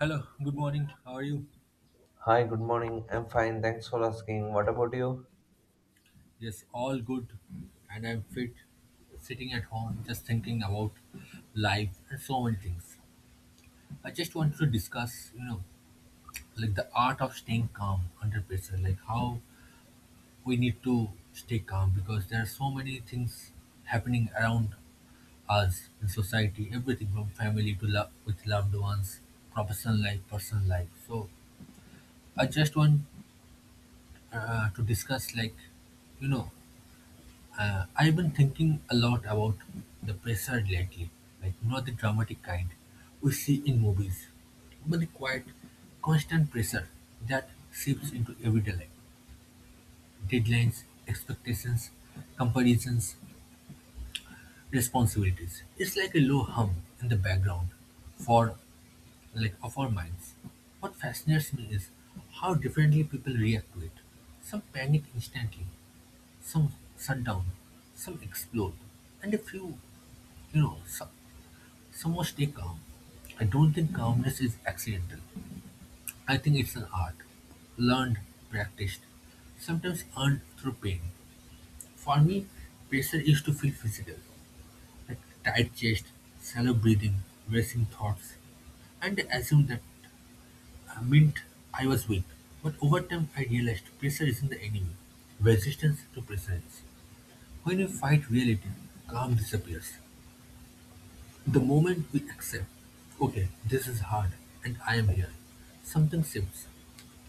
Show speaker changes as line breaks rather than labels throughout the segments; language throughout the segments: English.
Hello, good morning. How are you?
Hi, good morning. I'm fine. Thanks for asking. What about you?
Yes, all good. And I'm fit, sitting at home, just thinking about life and so many things. I just wanted to discuss, you know, like the art of staying calm under pressure, like how we need to stay calm because there are so many things happening around us in society, everything from family to love with loved ones, professional life, personal life. So I just want to discuss, like, you know, I've been thinking a lot about the pressure lately, like not the dramatic kind we see in movies, but the quiet, constant pressure that seeps into everyday life. Deadlines, expectations, comparisons, responsibilities. It's like a low hum in the background for like of our minds. What fascinates me is how differently people react to it. Some panic instantly, some shut down, some explode, and a few. You know, so, some must stay calm. I don't think calmness is accidental. I think it's an art, learned, practiced, sometimes earned through pain. For me, pressure used to feel physical, like tight chest, shallow breathing, racing thoughts. And I assumed that meant I was weak. But over time, I realized pressure isn't the enemy. Resistance to pressure is. When you fight reality, calm disappears. The moment we accept, okay, this is hard and I am here, something shifts.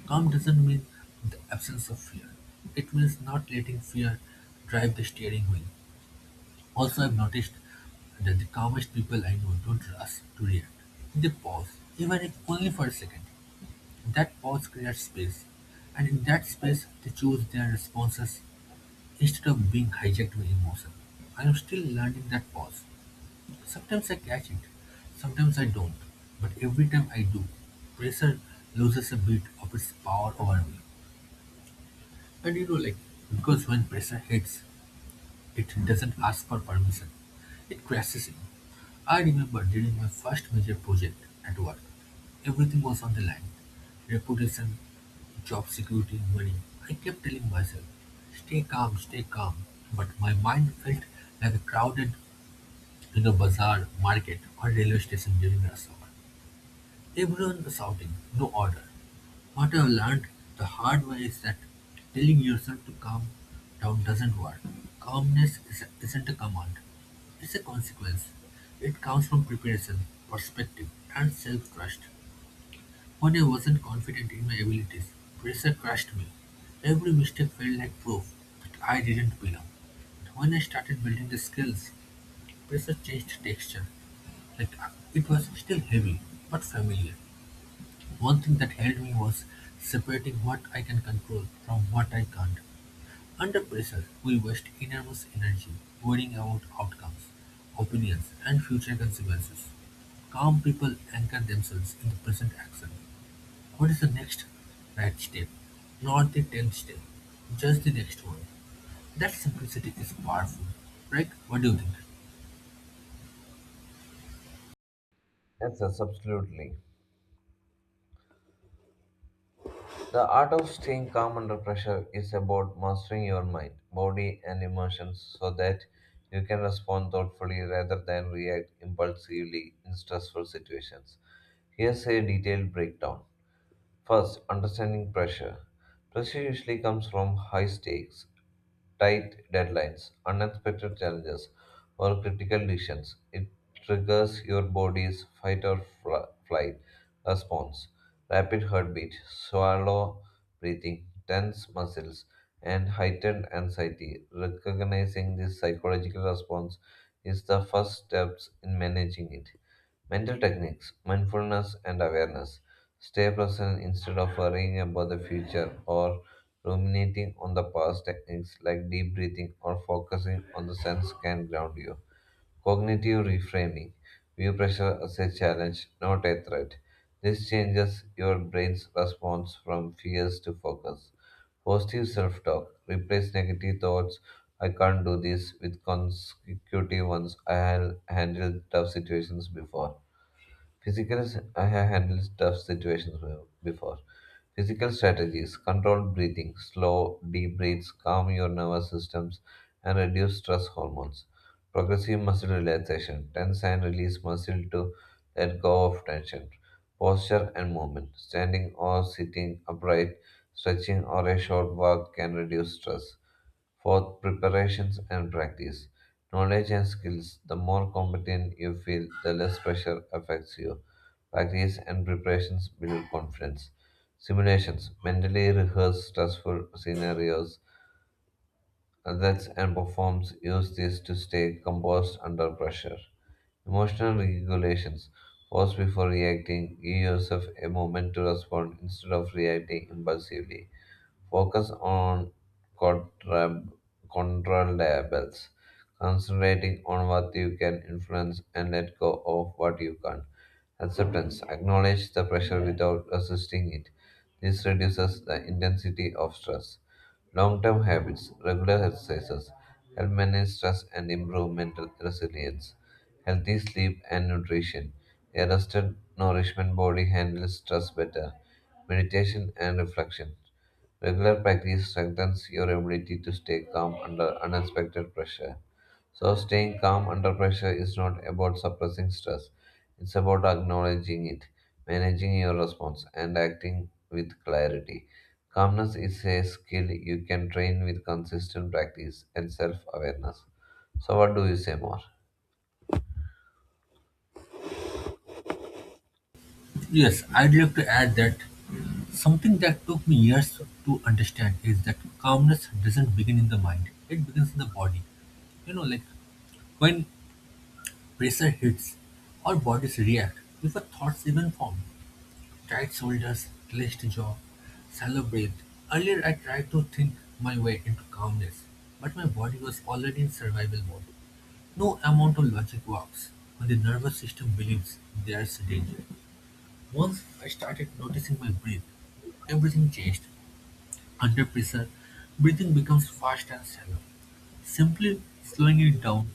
Calm doesn't mean the absence of fear. It means not letting fear drive the steering wheel. Also, I've noticed that the calmest people I know don't rush to react. They pause, even if only for a second. That pause creates space, and in that space, they choose their responses instead of being hijacked by emotion. I am still learning that pause. Sometimes I catch it, sometimes I don't, but every time I do, pressure loses a bit of its power over me. And you know, like, because when pressure hits, it doesn't ask for permission, it crashes in. I remember during my first major project at work, everything was on the line: reputation, job security, money. I kept telling myself, stay calm, but my mind felt like a crowded in a bazaar, market, or railway station during rush hour. Everyone was shouting, no order. What I've learned the hard way is that telling yourself to calm down doesn't work. Calmness is- isn't a command, it's a consequence. It comes from preparation, perspective, and self trust. When I wasn't confident in my abilities, pressure crushed me. Every mistake felt like proof that I didn't belong. But when I started building the skills, pressure changed texture. Like it was still heavy, but familiar. One thing that helped me was separating what I can control from what I can't. Under pressure, we waste enormous energy worrying about outcomes, opinions, and future consequences. Calm people anchor themselves in the present action, what is the next right step? Not the tenth step, just the next one. That simplicity is powerful, right? What do you think?
Yes, yes, absolutely. The art of staying calm under pressure is about mastering your mind, body, and emotions so that you can respond thoughtfully rather than react impulsively in stressful situations. Here's a detailed breakdown. First, understanding pressure. Pressure usually comes from high stakes, tight deadlines, unexpected challenges, or critical decisions. It triggers your body's fight or flight response, rapid heartbeat, swallow breathing, tense muscles, and heightened anxiety. Recognizing this psychological response is the first steps in managing it. Mental techniques, mindfulness and awareness. Stay present instead of worrying about the future or ruminating on the past. Techniques like deep breathing or focusing on the sense can ground you. Cognitive reframing. View pressure as a challenge, not a threat. This changes your brain's response from fears to focus. Positive self talk. Replace negative thoughts, I can't do this, with consecutive ones, I have handled tough situations before. Physically, I have handled tough situations well before. Physical strategies controlled breathing, slow, deep breaths, calm your nervous systems, and reduce stress hormones. Progressive muscle relaxation, tense and release muscle to let go of tension. Posture and movement, standing or sitting upright, stretching or a short walk can reduce stress. Fourth, preparations and practice. Knowledge and skills. The more competent you feel, the less pressure affects you. Practice and preparations build confidence. Simulations mentally rehearse stressful scenarios. Athletes and performers use this to stay composed under pressure. Emotional regulations pause before reacting, give yourself a moment to respond instead of reacting impulsively focus on contrab- controllables, concentrating on what you can influence and let go of what you can't. Acceptance, acknowledge the pressure without resisting it. This reduces the intensity of stress. Long term habits, regular exercises, help manage stress and improve mental resilience. Healthy sleep and nutrition. A rested, nourishment body handles stress better. Meditation and reflection. Regular practice strengthens your ability to stay calm under unexpected pressure. So, staying calm under pressure is not about suppressing stress, it's about acknowledging it, managing your response, and acting with clarity. Calmness is a skill you can train with consistent practice and self awareness. So, what do you say more?
Yes, I'd like to add that something that took me years to understand is that calmness doesn't begin in the mind, it begins in the body. You know, like when pressure hits, our bodies react before thoughts even form. Tight shoulders, clenched jaw, shallow breath. Earlier I tried to think my way into calmness, but my body was already in survival mode. No amount of logic works when the nervous system believes there's danger. Once I started noticing my breath, everything changed. Under pressure, breathing becomes fast and shallow. Simply slowing it down,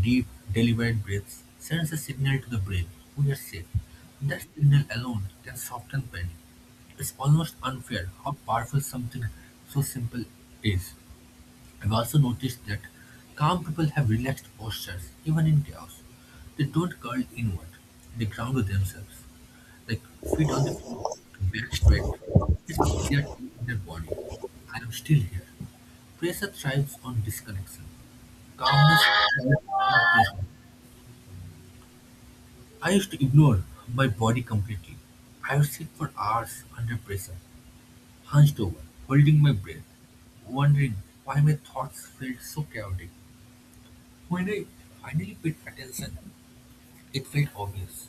deep, deliberate breaths sends a signal to the brain, we are safe. That signal alone can soften panic. It's almost unfair how powerful something so simple is. I've also noticed that calm people have relaxed postures, even in chaos. They don't curl inward, they ground themselves, like feet on the floor, back straight. It's like they are telling their body, I am still here. Pressure thrives on disconnection. Calmness thrives on pressure. I used to ignore my body completely. I would sit for hours under pressure, hunched over, holding my breath, wondering why my thoughts felt so chaotic. When I finally paid attention, it felt obvious.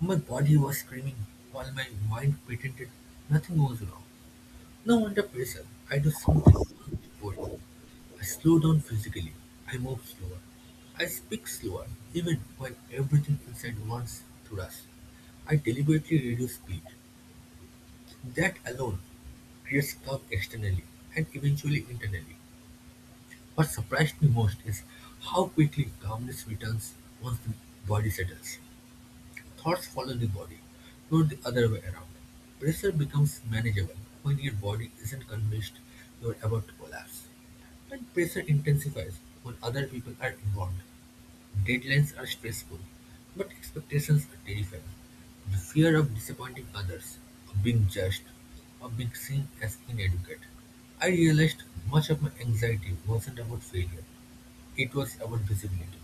My body was screaming while my mind pretended nothing was wrong. Now under pressure, I do something boring. I slow down physically. I move slower. I speak slower, even when everything inside wants to rush. I deliberately reduce speed. That alone creates calm externally and eventually internally. What surprised me most is how quickly calmness returns once the body settles. Thoughts follow the body, not the other way around. Pressure becomes manageable when your body isn't convinced you're about to collapse, and pressure intensifies when other people are involved. Deadlines are stressful, but expectations are terrifying. The fear of disappointing others, of being judged, of being seen as inadequate. I realized much of my anxiety wasn't about failure, it was about visibility.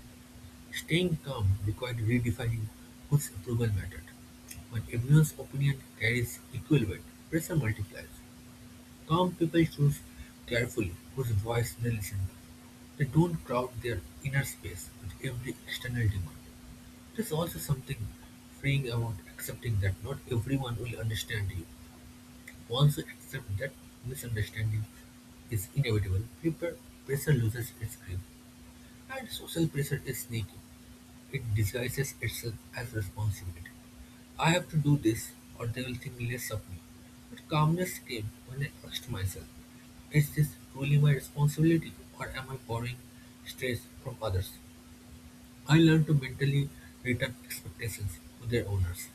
Staying calm required redefining whose approval mattered. When everyone's opinion carries equal weight, pressure multiplies. Calm people choose carefully whose voice they listen to. They don't crowd their inner space with every external demand. There's also something freeing about accepting that not everyone will understand you. Once you accept that misunderstanding is inevitable, prepare pressure loses its grip. And social pressure is sneaky. It disguises itself as responsibility. I have to do this or they will think less of me. But calmness came when I asked myself, is this truly my responsibility or am I borrowing stress from others? I learned to mentally return expectations to their owners.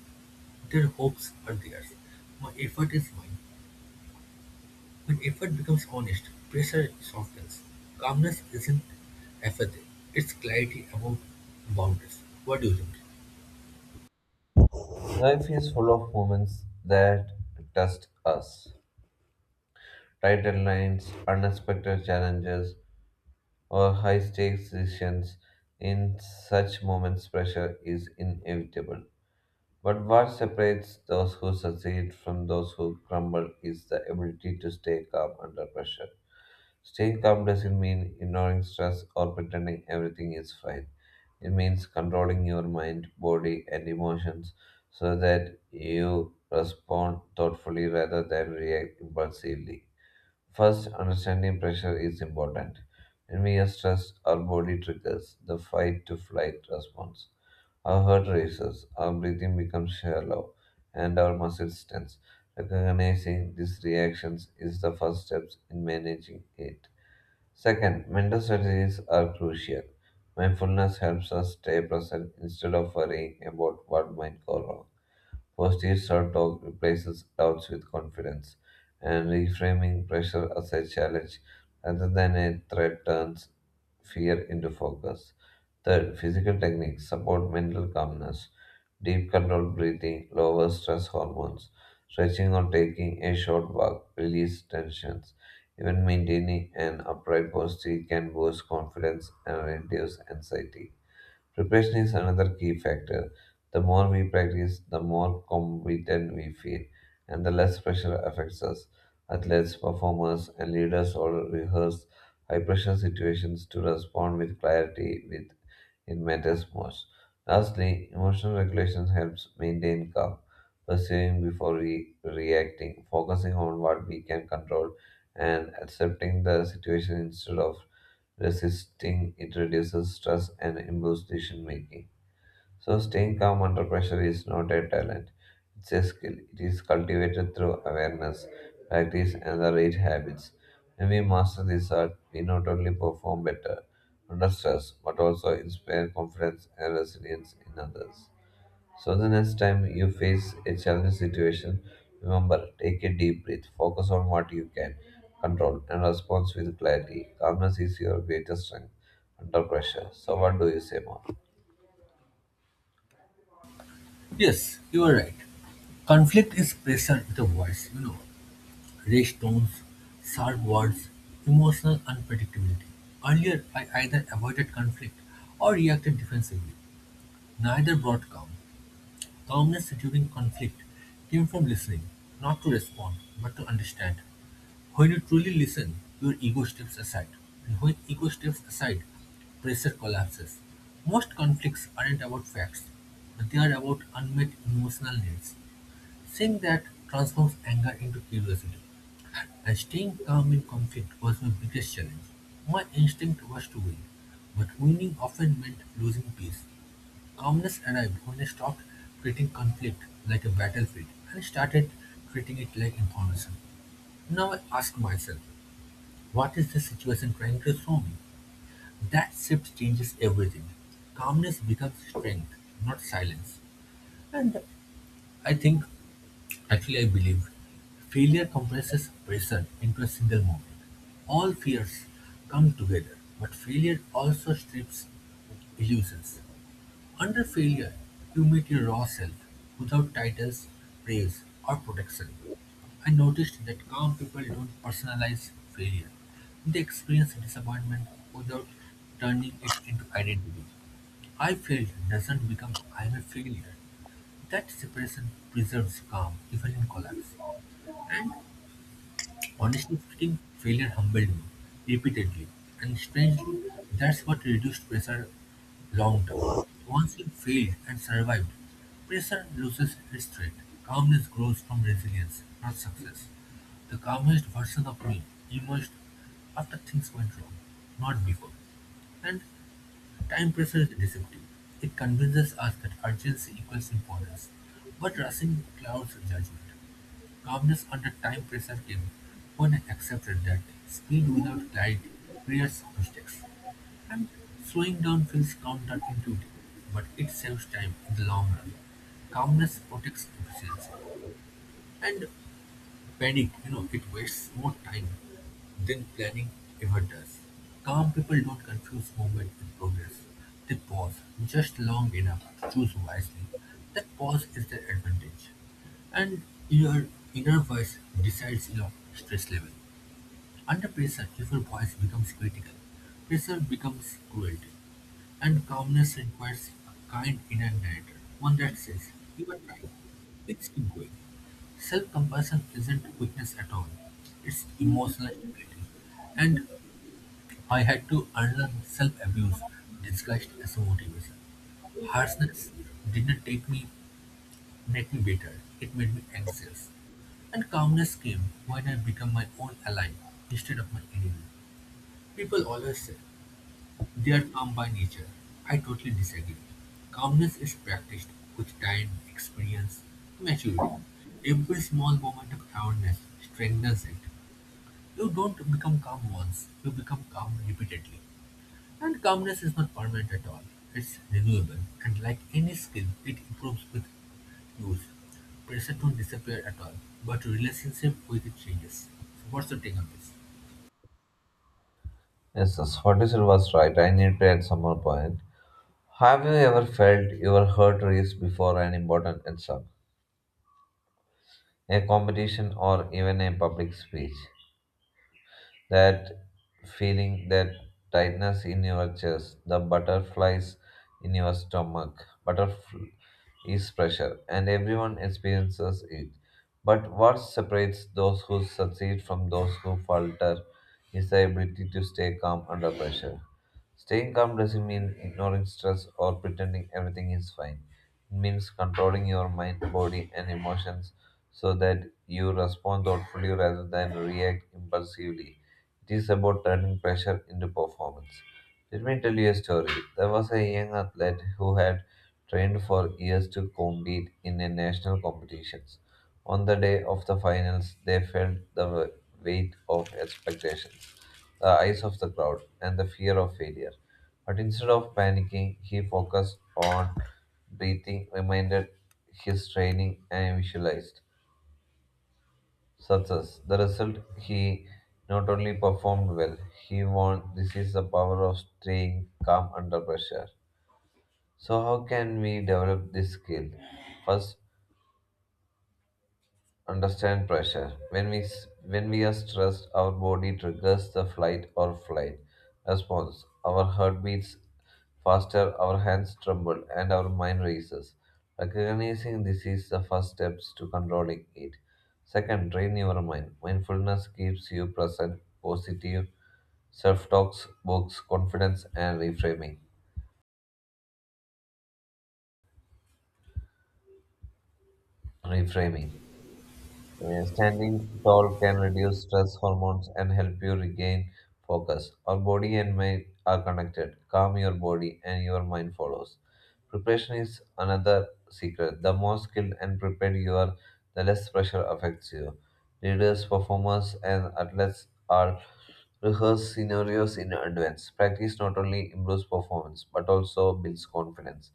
Their hopes are theirs. My effort is mine. When effort becomes honest, pressure softens. Calmness isn't apathy, it's clarity about boundaries. What do you think?
Life is full of moments that test us. Tight deadlines, unexpected challenges, or high stakes decisions, in such moments pressure is inevitable. But what separates those who succeed from those who crumble is the ability to stay calm under pressure. Staying calm doesn't mean ignoring stress or pretending everything is fine. It means controlling your mind, body, and emotions so that you respond thoughtfully rather than react impulsively. First, understanding pressure is important. When we are stressed, our body triggers the fight to flight response. Our heart races, our breathing becomes shallow, and our muscles tense. Recognizing these reactions is the first step in managing it. Second, mental strategies are crucial. Mindfulness helps us stay present instead of worrying about what might go wrong. Positive self talk replaces doubts with confidence, and reframing pressure as a challenge rather than a threat turns fear into focus. Third, physical techniques support mental calmness. Deep controlled breathing lowers stress hormones. Stretching or taking a short walk release tensions. Even maintaining an upright posture can boost confidence and reduce anxiety. Preparation is another key factor. The more we practice, the more competent we feel, and the less pressure affects us. Athletes, performers, and leaders all rehearse high pressure situations to respond with clarity with it matters most. Lastly, emotional regulation helps maintain calm, perceiving before reacting, focusing on what we can control, and accepting the situation instead of resisting it reduces stress and improves decision making. So, staying calm under pressure is not a talent, it's a skill. It is cultivated through awareness, practice, and the right habits. When we master this art, we not only perform better under stress but also inspire confidence and resilience in others. So the next time you face a challenging situation, remember take a deep breath, focus on what you can control, and respond with clarity. Calmness is your greatest strength under pressure. So what do you say more?
Yes, you are right. Conflict is pressure with a voice, you know, raised tones, sharp words, emotional unpredictability. Earlier, I either avoided conflict or reacted defensively. Neither brought calm. Calmness during conflict came from listening, not to respond, but to understand. When you truly listen, your ego steps aside, and when ego steps aside, pressure collapses. Most conflicts aren't about facts, but they are about unmet emotional needs. Saying that transforms anger into curiosity, and staying calm in conflict was my biggest challenge. My instinct was to win, but winning often meant losing peace. Calmness arrived when I stopped treating conflict like a battlefield and started treating it like information. Now I ask myself, what is the situation trying to show me? That shift changes everything. Calmness becomes strength, not silence. I think, actually, I believe, failure compresses pressure into a single moment. All fears come together, but failure also strips illusions. Under failure, you meet your raw self, without titles, praise, or protection. I noticed that calm people don't personalize failure. They experience disappointment without turning it into identity. I failed doesn't become I'm a failure. That separation preserves calm even in collapse. And honestly speaking, failure humbled me, repeatedly, and strangely, that's what reduced pressure long term. Once you failed and survived, pressure loses its threat. Calmness grows from resilience, not success. The calmest version of me emerged after things went wrong, not before. And time pressure is deceptive. It convinces us that urgency equals importance, but rushing clouds judgment. Calmness under time pressure came when I accepted that speed without clarity creates mistakes, and slowing down feels counterintuitive, but it saves time in the long run. Calmness protects efficiency, and panic, you know, it wastes more time than planning ever does. Calm people don't confuse movement with progress. They pause just long enough to choose wisely. That pause is their advantage. And your inner voice decides your stress level. Under pressure, if your voice becomes critical, pressure becomes cruelty. And calmness requires a kind inner narrator, one that says, you are trying, it's going. Self compassion isn't weakness at all, it's emotional stability. And I had to unlearn self abuse disguised as a motivation. Harshness didn't take me, make me bitter, it made me anxious. And calmness came when I became my own ally instead of my enemy. People always say, they are calm by nature. I totally disagree. Calmness is practiced with time, experience, maturity. Every small moment of calmness strengthens it. You don't become calm once, you become calm repeatedly. And calmness is not permanent at all, it's renewable. And like any skill, it improves with use. Pressure don't disappear at all, but relationship with it changes. So what's your take on this?
Yes, yes, what you said was right. I need to add some more point. Have you ever felt your heart race before an important exam, a competition, or even a public speech? That feeling, that tightness in your chest, the butterflies in your stomach. Butterfly is pressure, and everyone experiences it. But what separates those who succeed from those who falter is the ability to stay calm under pressure. Staying calm doesn't mean ignoring stress or pretending everything is fine. It means controlling your mind, body, and emotions so that you respond thoughtfully rather than react impulsively. It is about turning pressure into performance. Let me tell you a story. There was a young athlete who had trained for years to compete in a national competitions. On the day of the finals, they felt the weight of expectations, the eyes of the crowd, and the fear of failure. But instead of panicking, he focused on breathing, reminded his training, and visualized success. The result, he not only performed well, he won. This is the power of staying calm under pressure. So, how can we develop this skill? First, understand pressure. When we are stressed, our body triggers the flight or flight response. Our heart beats faster, our hands tremble, and our mind races. Recognizing this is the first steps to controlling it. Second, train your mind. Mindfulness keeps you present, positive, self-talks, books, confidence, and reframing. Reframing. Standing tall can reduce stress hormones and help you regain focus. Our body and mind are connected. Calm your body and your mind follows. Preparation is another secret. The more skilled and prepared you are, the less pressure affects you. Leaders, performers, and athletes are rehearse scenarios in advance. Practice not only improves performance but also builds confidence.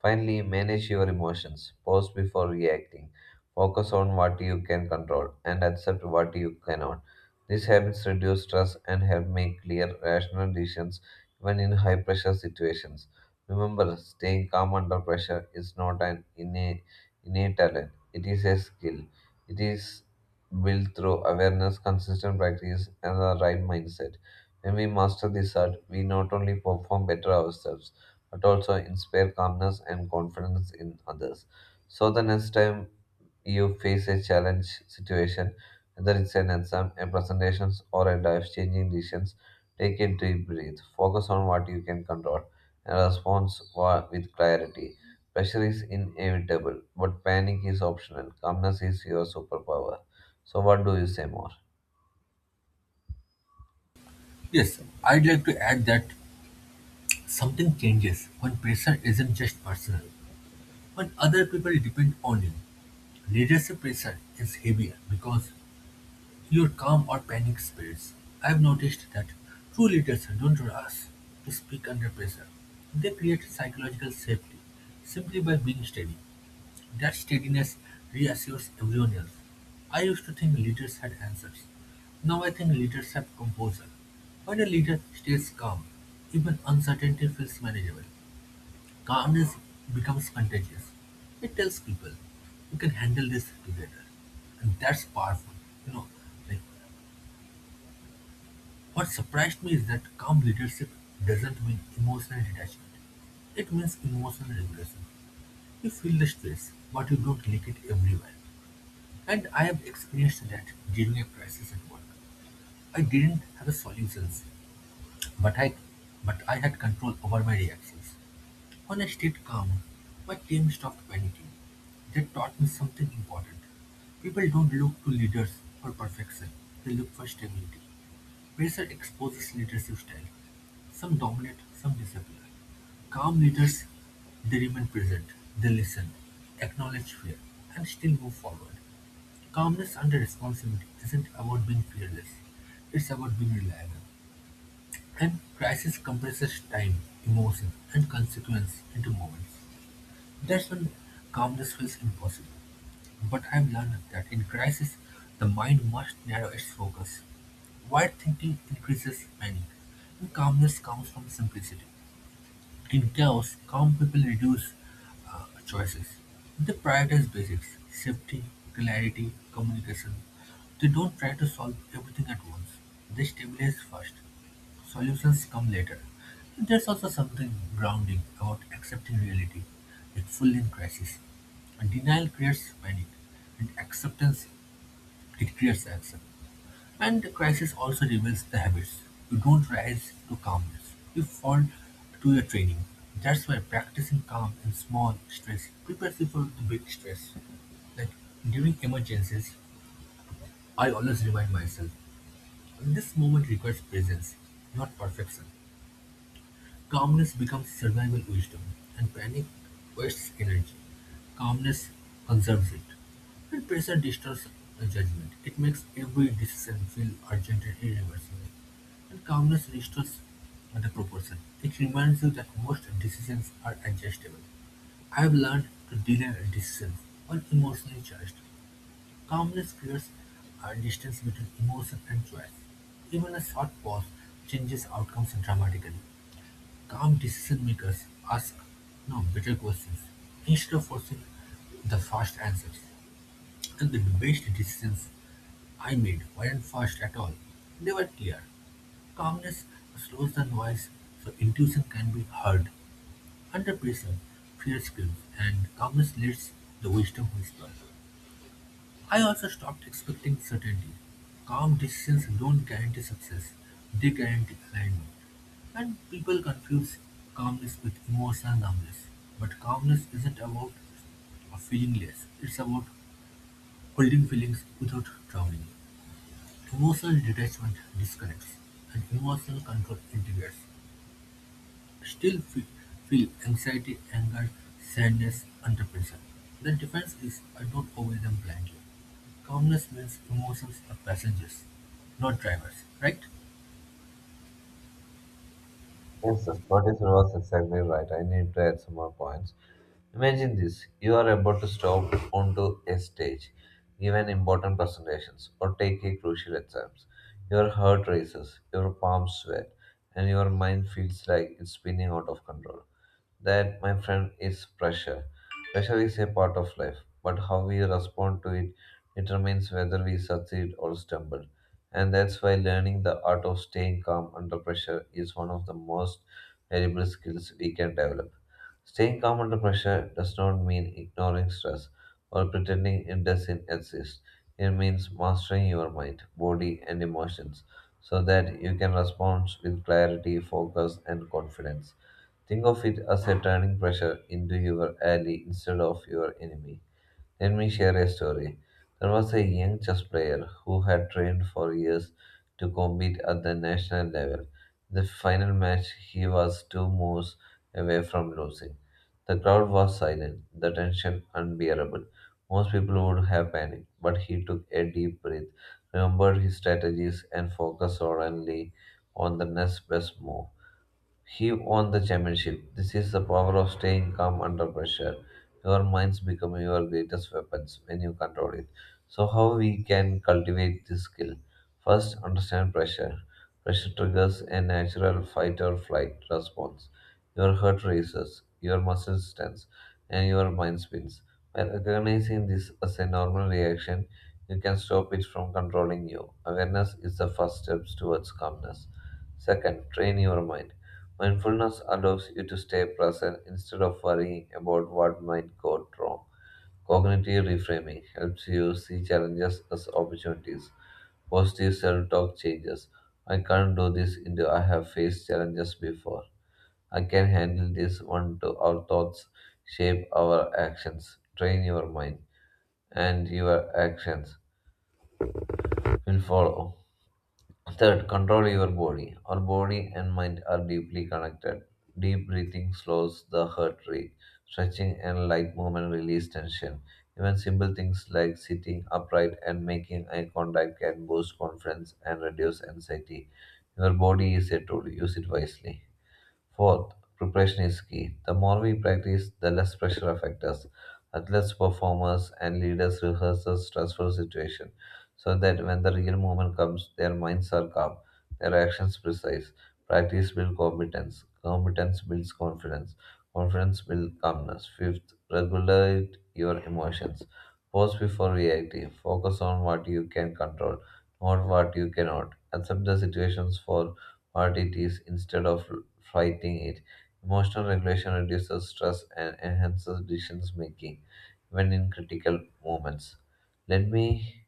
Finally, manage your emotions. Pause before reacting. Focus on what you can control and accept what you cannot. These habits reduce stress and help make clear, rational decisions even in high pressure situations. Remember, staying calm under pressure is not an innate talent, it is a skill. It is built through awareness, consistent practice, and the right mindset. When we master this art, we not only perform better ourselves but also inspire calmness and confidence in others. So the next time you face a challenge situation, whether it's an exam, a presentation, or a life-changing decision, take a deep breath. Focus on what you can control and respond with clarity. Pressure is inevitable, but panic is optional. Calmness is your superpower. So what do you say more?
Yes, I'd like to add that something changes when pressure isn't just personal, when other people depend on you. Leadership pressure is heavier because your calm or panic spells. I've noticed that true leaders don't rush to speak under pressure. They create psychological safety simply by being steady. That steadiness reassures everyone else. I used to think leaders had answers. Now I think leaders have composure. When a leader stays calm, even uncertainty feels manageable. Calm becomes contagious. It tells people, we can handle this together. And that's powerful. You know, like what surprised me is that calm leadership doesn't mean emotional detachment. It means emotional regulation. You feel the stress, but you don't leak it everywhere. And I have experienced that during a crisis at work. I didn't have a solutions, but I, but I had control over my reactions. When I stayed calm, my team stopped panicking. That taught me something important. People don't look to leaders for perfection, they look for stability. Pressure exposes leadership style. Some dominate, some disappear. Calm leaders, they remain present, they listen, acknowledge fear, and still move forward. Calmness under responsibility isn't about being fearless, it's about being reliable. And crisis compresses time, emotion, and consequence into moments. That's when calmness feels impossible. But I've learned that in crisis, the mind must narrow its focus. Wide thinking increases panic, and calmness comes from simplicity. In chaos, calm people reduce choices. They prioritize basics, safety, clarity, communication. They don't try to solve everything at once. They stabilize first. Solutions come later. There's also something grounding about accepting reality, like full in crisis. And denial creates panic, and acceptance it creates action. And the crisis also reveals the habits. You don't rise to calmness, you fall to your training. That's why practicing calm in small stress prepares you for the big stress. Like during emergencies, I always remind myself this moment requires presence, not perfection. Calmness becomes survival wisdom, and panic wastes energy. Calmness conserves it. When pressure distorts the judgment, it makes every decision feel urgent and irreversible. And calmness restores the proportion. It reminds you that most decisions are adjustable. I have learned to delay decisions when emotionally charged. Calmness creates a distance between emotion and choice. Even a short pause changes outcomes dramatically. Calm decision-makers ask no better questions, instead of forcing the fast answers. And the best decisions I made weren't fast at all. They were clear. Calmness slows the noise so intuition can be heard. Under pressure, fear screams, and calmness lets the wisdom whisper. I also stopped expecting certainty. Calm decisions don't guarantee success, they guarantee alignment. And people confuse calmness with emotional numbness. But calmness isn't about feeling less, it's about holding feelings without drowning. Emotional detachment disconnects, and emotional control integrates. Still fe- feel anxiety, anger, sadness under pressure. The difference is I don't obey them blindly. Calmness means emotions are passengers, not drivers, right?
Yes, the Scottish was exactly right. I need to add some more points. Imagine this you are about to step onto a stage, give an important presentations, or take a crucial exams. Your heart races, your palms sweat, and your mind feels like it's spinning out of control. That, my friend, is pressure. Pressure is a part of life, but how we respond to it determines whether we succeed or stumble. And that's why learning the art of staying calm under pressure is one of the most valuable skills we can develop. Staying calm under pressure does not mean ignoring stress or pretending it doesn't exist. It means mastering your mind, body, and emotions so that you can respond with clarity, focus, and confidence. Think of it as a turning pressure into your ally instead of your enemy. Let me share a story. There was a young chess player who had trained for years to compete at the national level. In the final match, he was two moves away from losing. The crowd was silent, the tension unbearable. Most people would have panicked, but he took a deep breath, remembered his strategies, and focused solely on the next best move. He won the championship. This is the power of staying calm under pressure. Your minds become your greatest weapons when you control it. So, how we can cultivate this skill? First, understand pressure. Pressure triggers a natural fight or flight response. Your heart races, your muscles tense, and your mind spins. By recognizing this as a normal reaction, you can stop it from controlling you. Awareness is the first step towards calmness. Second, train your mind. Mindfulness allows you to stay present instead of worrying about what might go wrong. Cognitive reframing helps you see challenges as opportunities. Positive self talk changes. I can't do this into I have faced challenges before. I can handle this one to our thoughts shape our actions. Train your mind and your actions will follow. Third, control your body. Our body and mind are deeply connected. Deep breathing slows the heart rate. Stretching and light movement release tension. Even simple things like sitting upright and making eye contact can boost confidence and reduce anxiety. Your body is a tool, use it wisely. Fourth, preparation is key. The more we practice, the less pressure affects us. Athletes, performers, and leaders rehearse the stressful situation so that when the real moment comes, their minds are calm, their actions precise. Practice builds competence, competence builds confidence, confidence builds calmness. Fifth, regulate your emotions. Pause before reacting. Focus on what you can control, not what you cannot. Accept the situations for what it is instead of fighting it. Emotional regulation reduces stress and enhances decision making, even in critical moments. Let me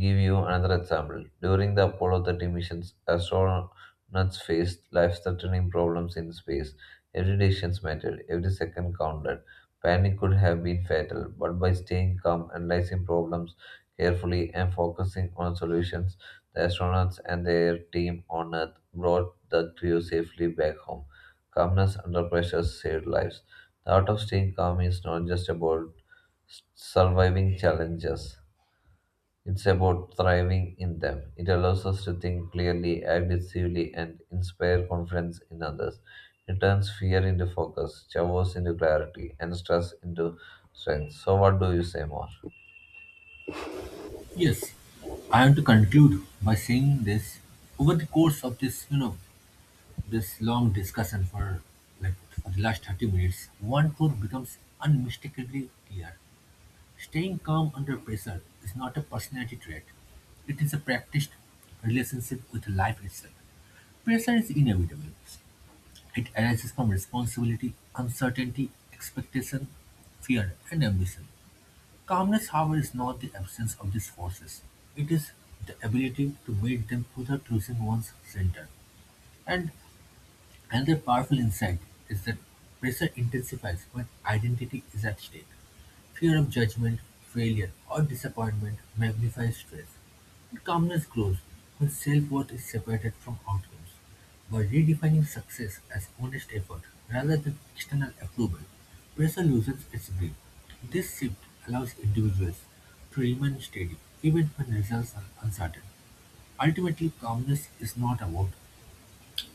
give you another example. During the Apollo 30 missions, astronauts faced life-threatening problems in space. Every decision mattered, every second counted. Panic could have been fatal, but by staying calm, analyzing problems carefully, and focusing on solutions, the astronauts and their team on Earth brought the crew safely back home. Calmness under pressure saved lives. The art of staying calm is not just about surviving challenges it's about thriving in them. It allows us to think clearly, act decisively, and inspire confidence in others. It turns fear into focus, chaos into clarity, and stress into strength. So, what do you say more?
Yes, I want to conclude by saying this. Over the course of this, this long discussion for for the last 30 minutes, one truth becomes unmistakably clear. Staying calm under pressure is not a personality trait. It is a practiced relationship with life itself. Pressure is inevitable. It arises from responsibility, uncertainty, expectation, fear, and ambition. Calmness, however, is not the absence of these forces. It is the ability to meet them without losing one's center. And another powerful insight is that pressure intensifies when identity is at stake. Fear of judgment, failure, or disappointment magnifies stress. And calmness grows when self worth is separated from outcomes. By redefining success as honest effort rather than external approval, pressure loses its grip. This shift allows individuals to remain steady even when results are uncertain. Ultimately, calmness is not about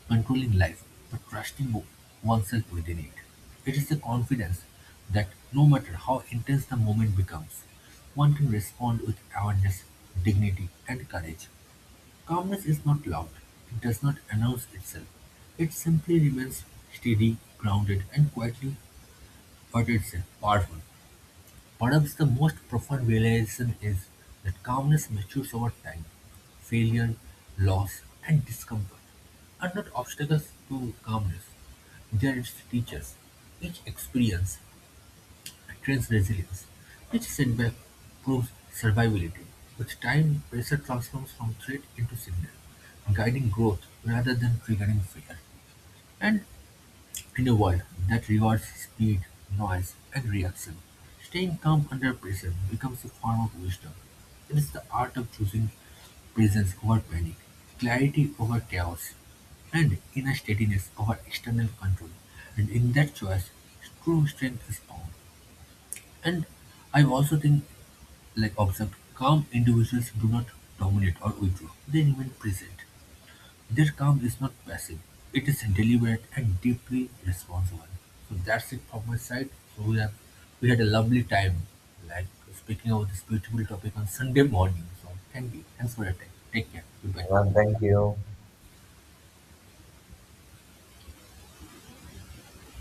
controlling life, but trusting oneself within it. It is the confidence that no matter how intense the moment becomes, one can respond with awareness, dignity, and courage. Calmness is not loud, it does not announce itself. It simply remains steady, grounded, and quietly, but it's powerful. Perhaps the most profound realization is that calmness matures over time. Failure, loss, and discomfort are not obstacles to calmness. They are its teachers. Each experience trains resilience. Each setback proves survivability. With time, pressure transforms from threat into signal, guiding growth rather than triggering fear. And in a world that rewards speed, noise, and reaction, staying calm under pressure becomes a form of wisdom. It is the art of choosing presence over panic, clarity over chaos, and inner steadiness over external control. And in that choice, true strength is found. And I also think, like observed, calm individuals do not dominate or withdraw; they remain present. Their calm is not passive, it is deliberate and deeply responsible. So that's it from my side. So we had a lovely time like speaking about this beautiful topic on Sunday morning. So thank you. Thanks for your time. Take care. Goodbye.
Well, thank you.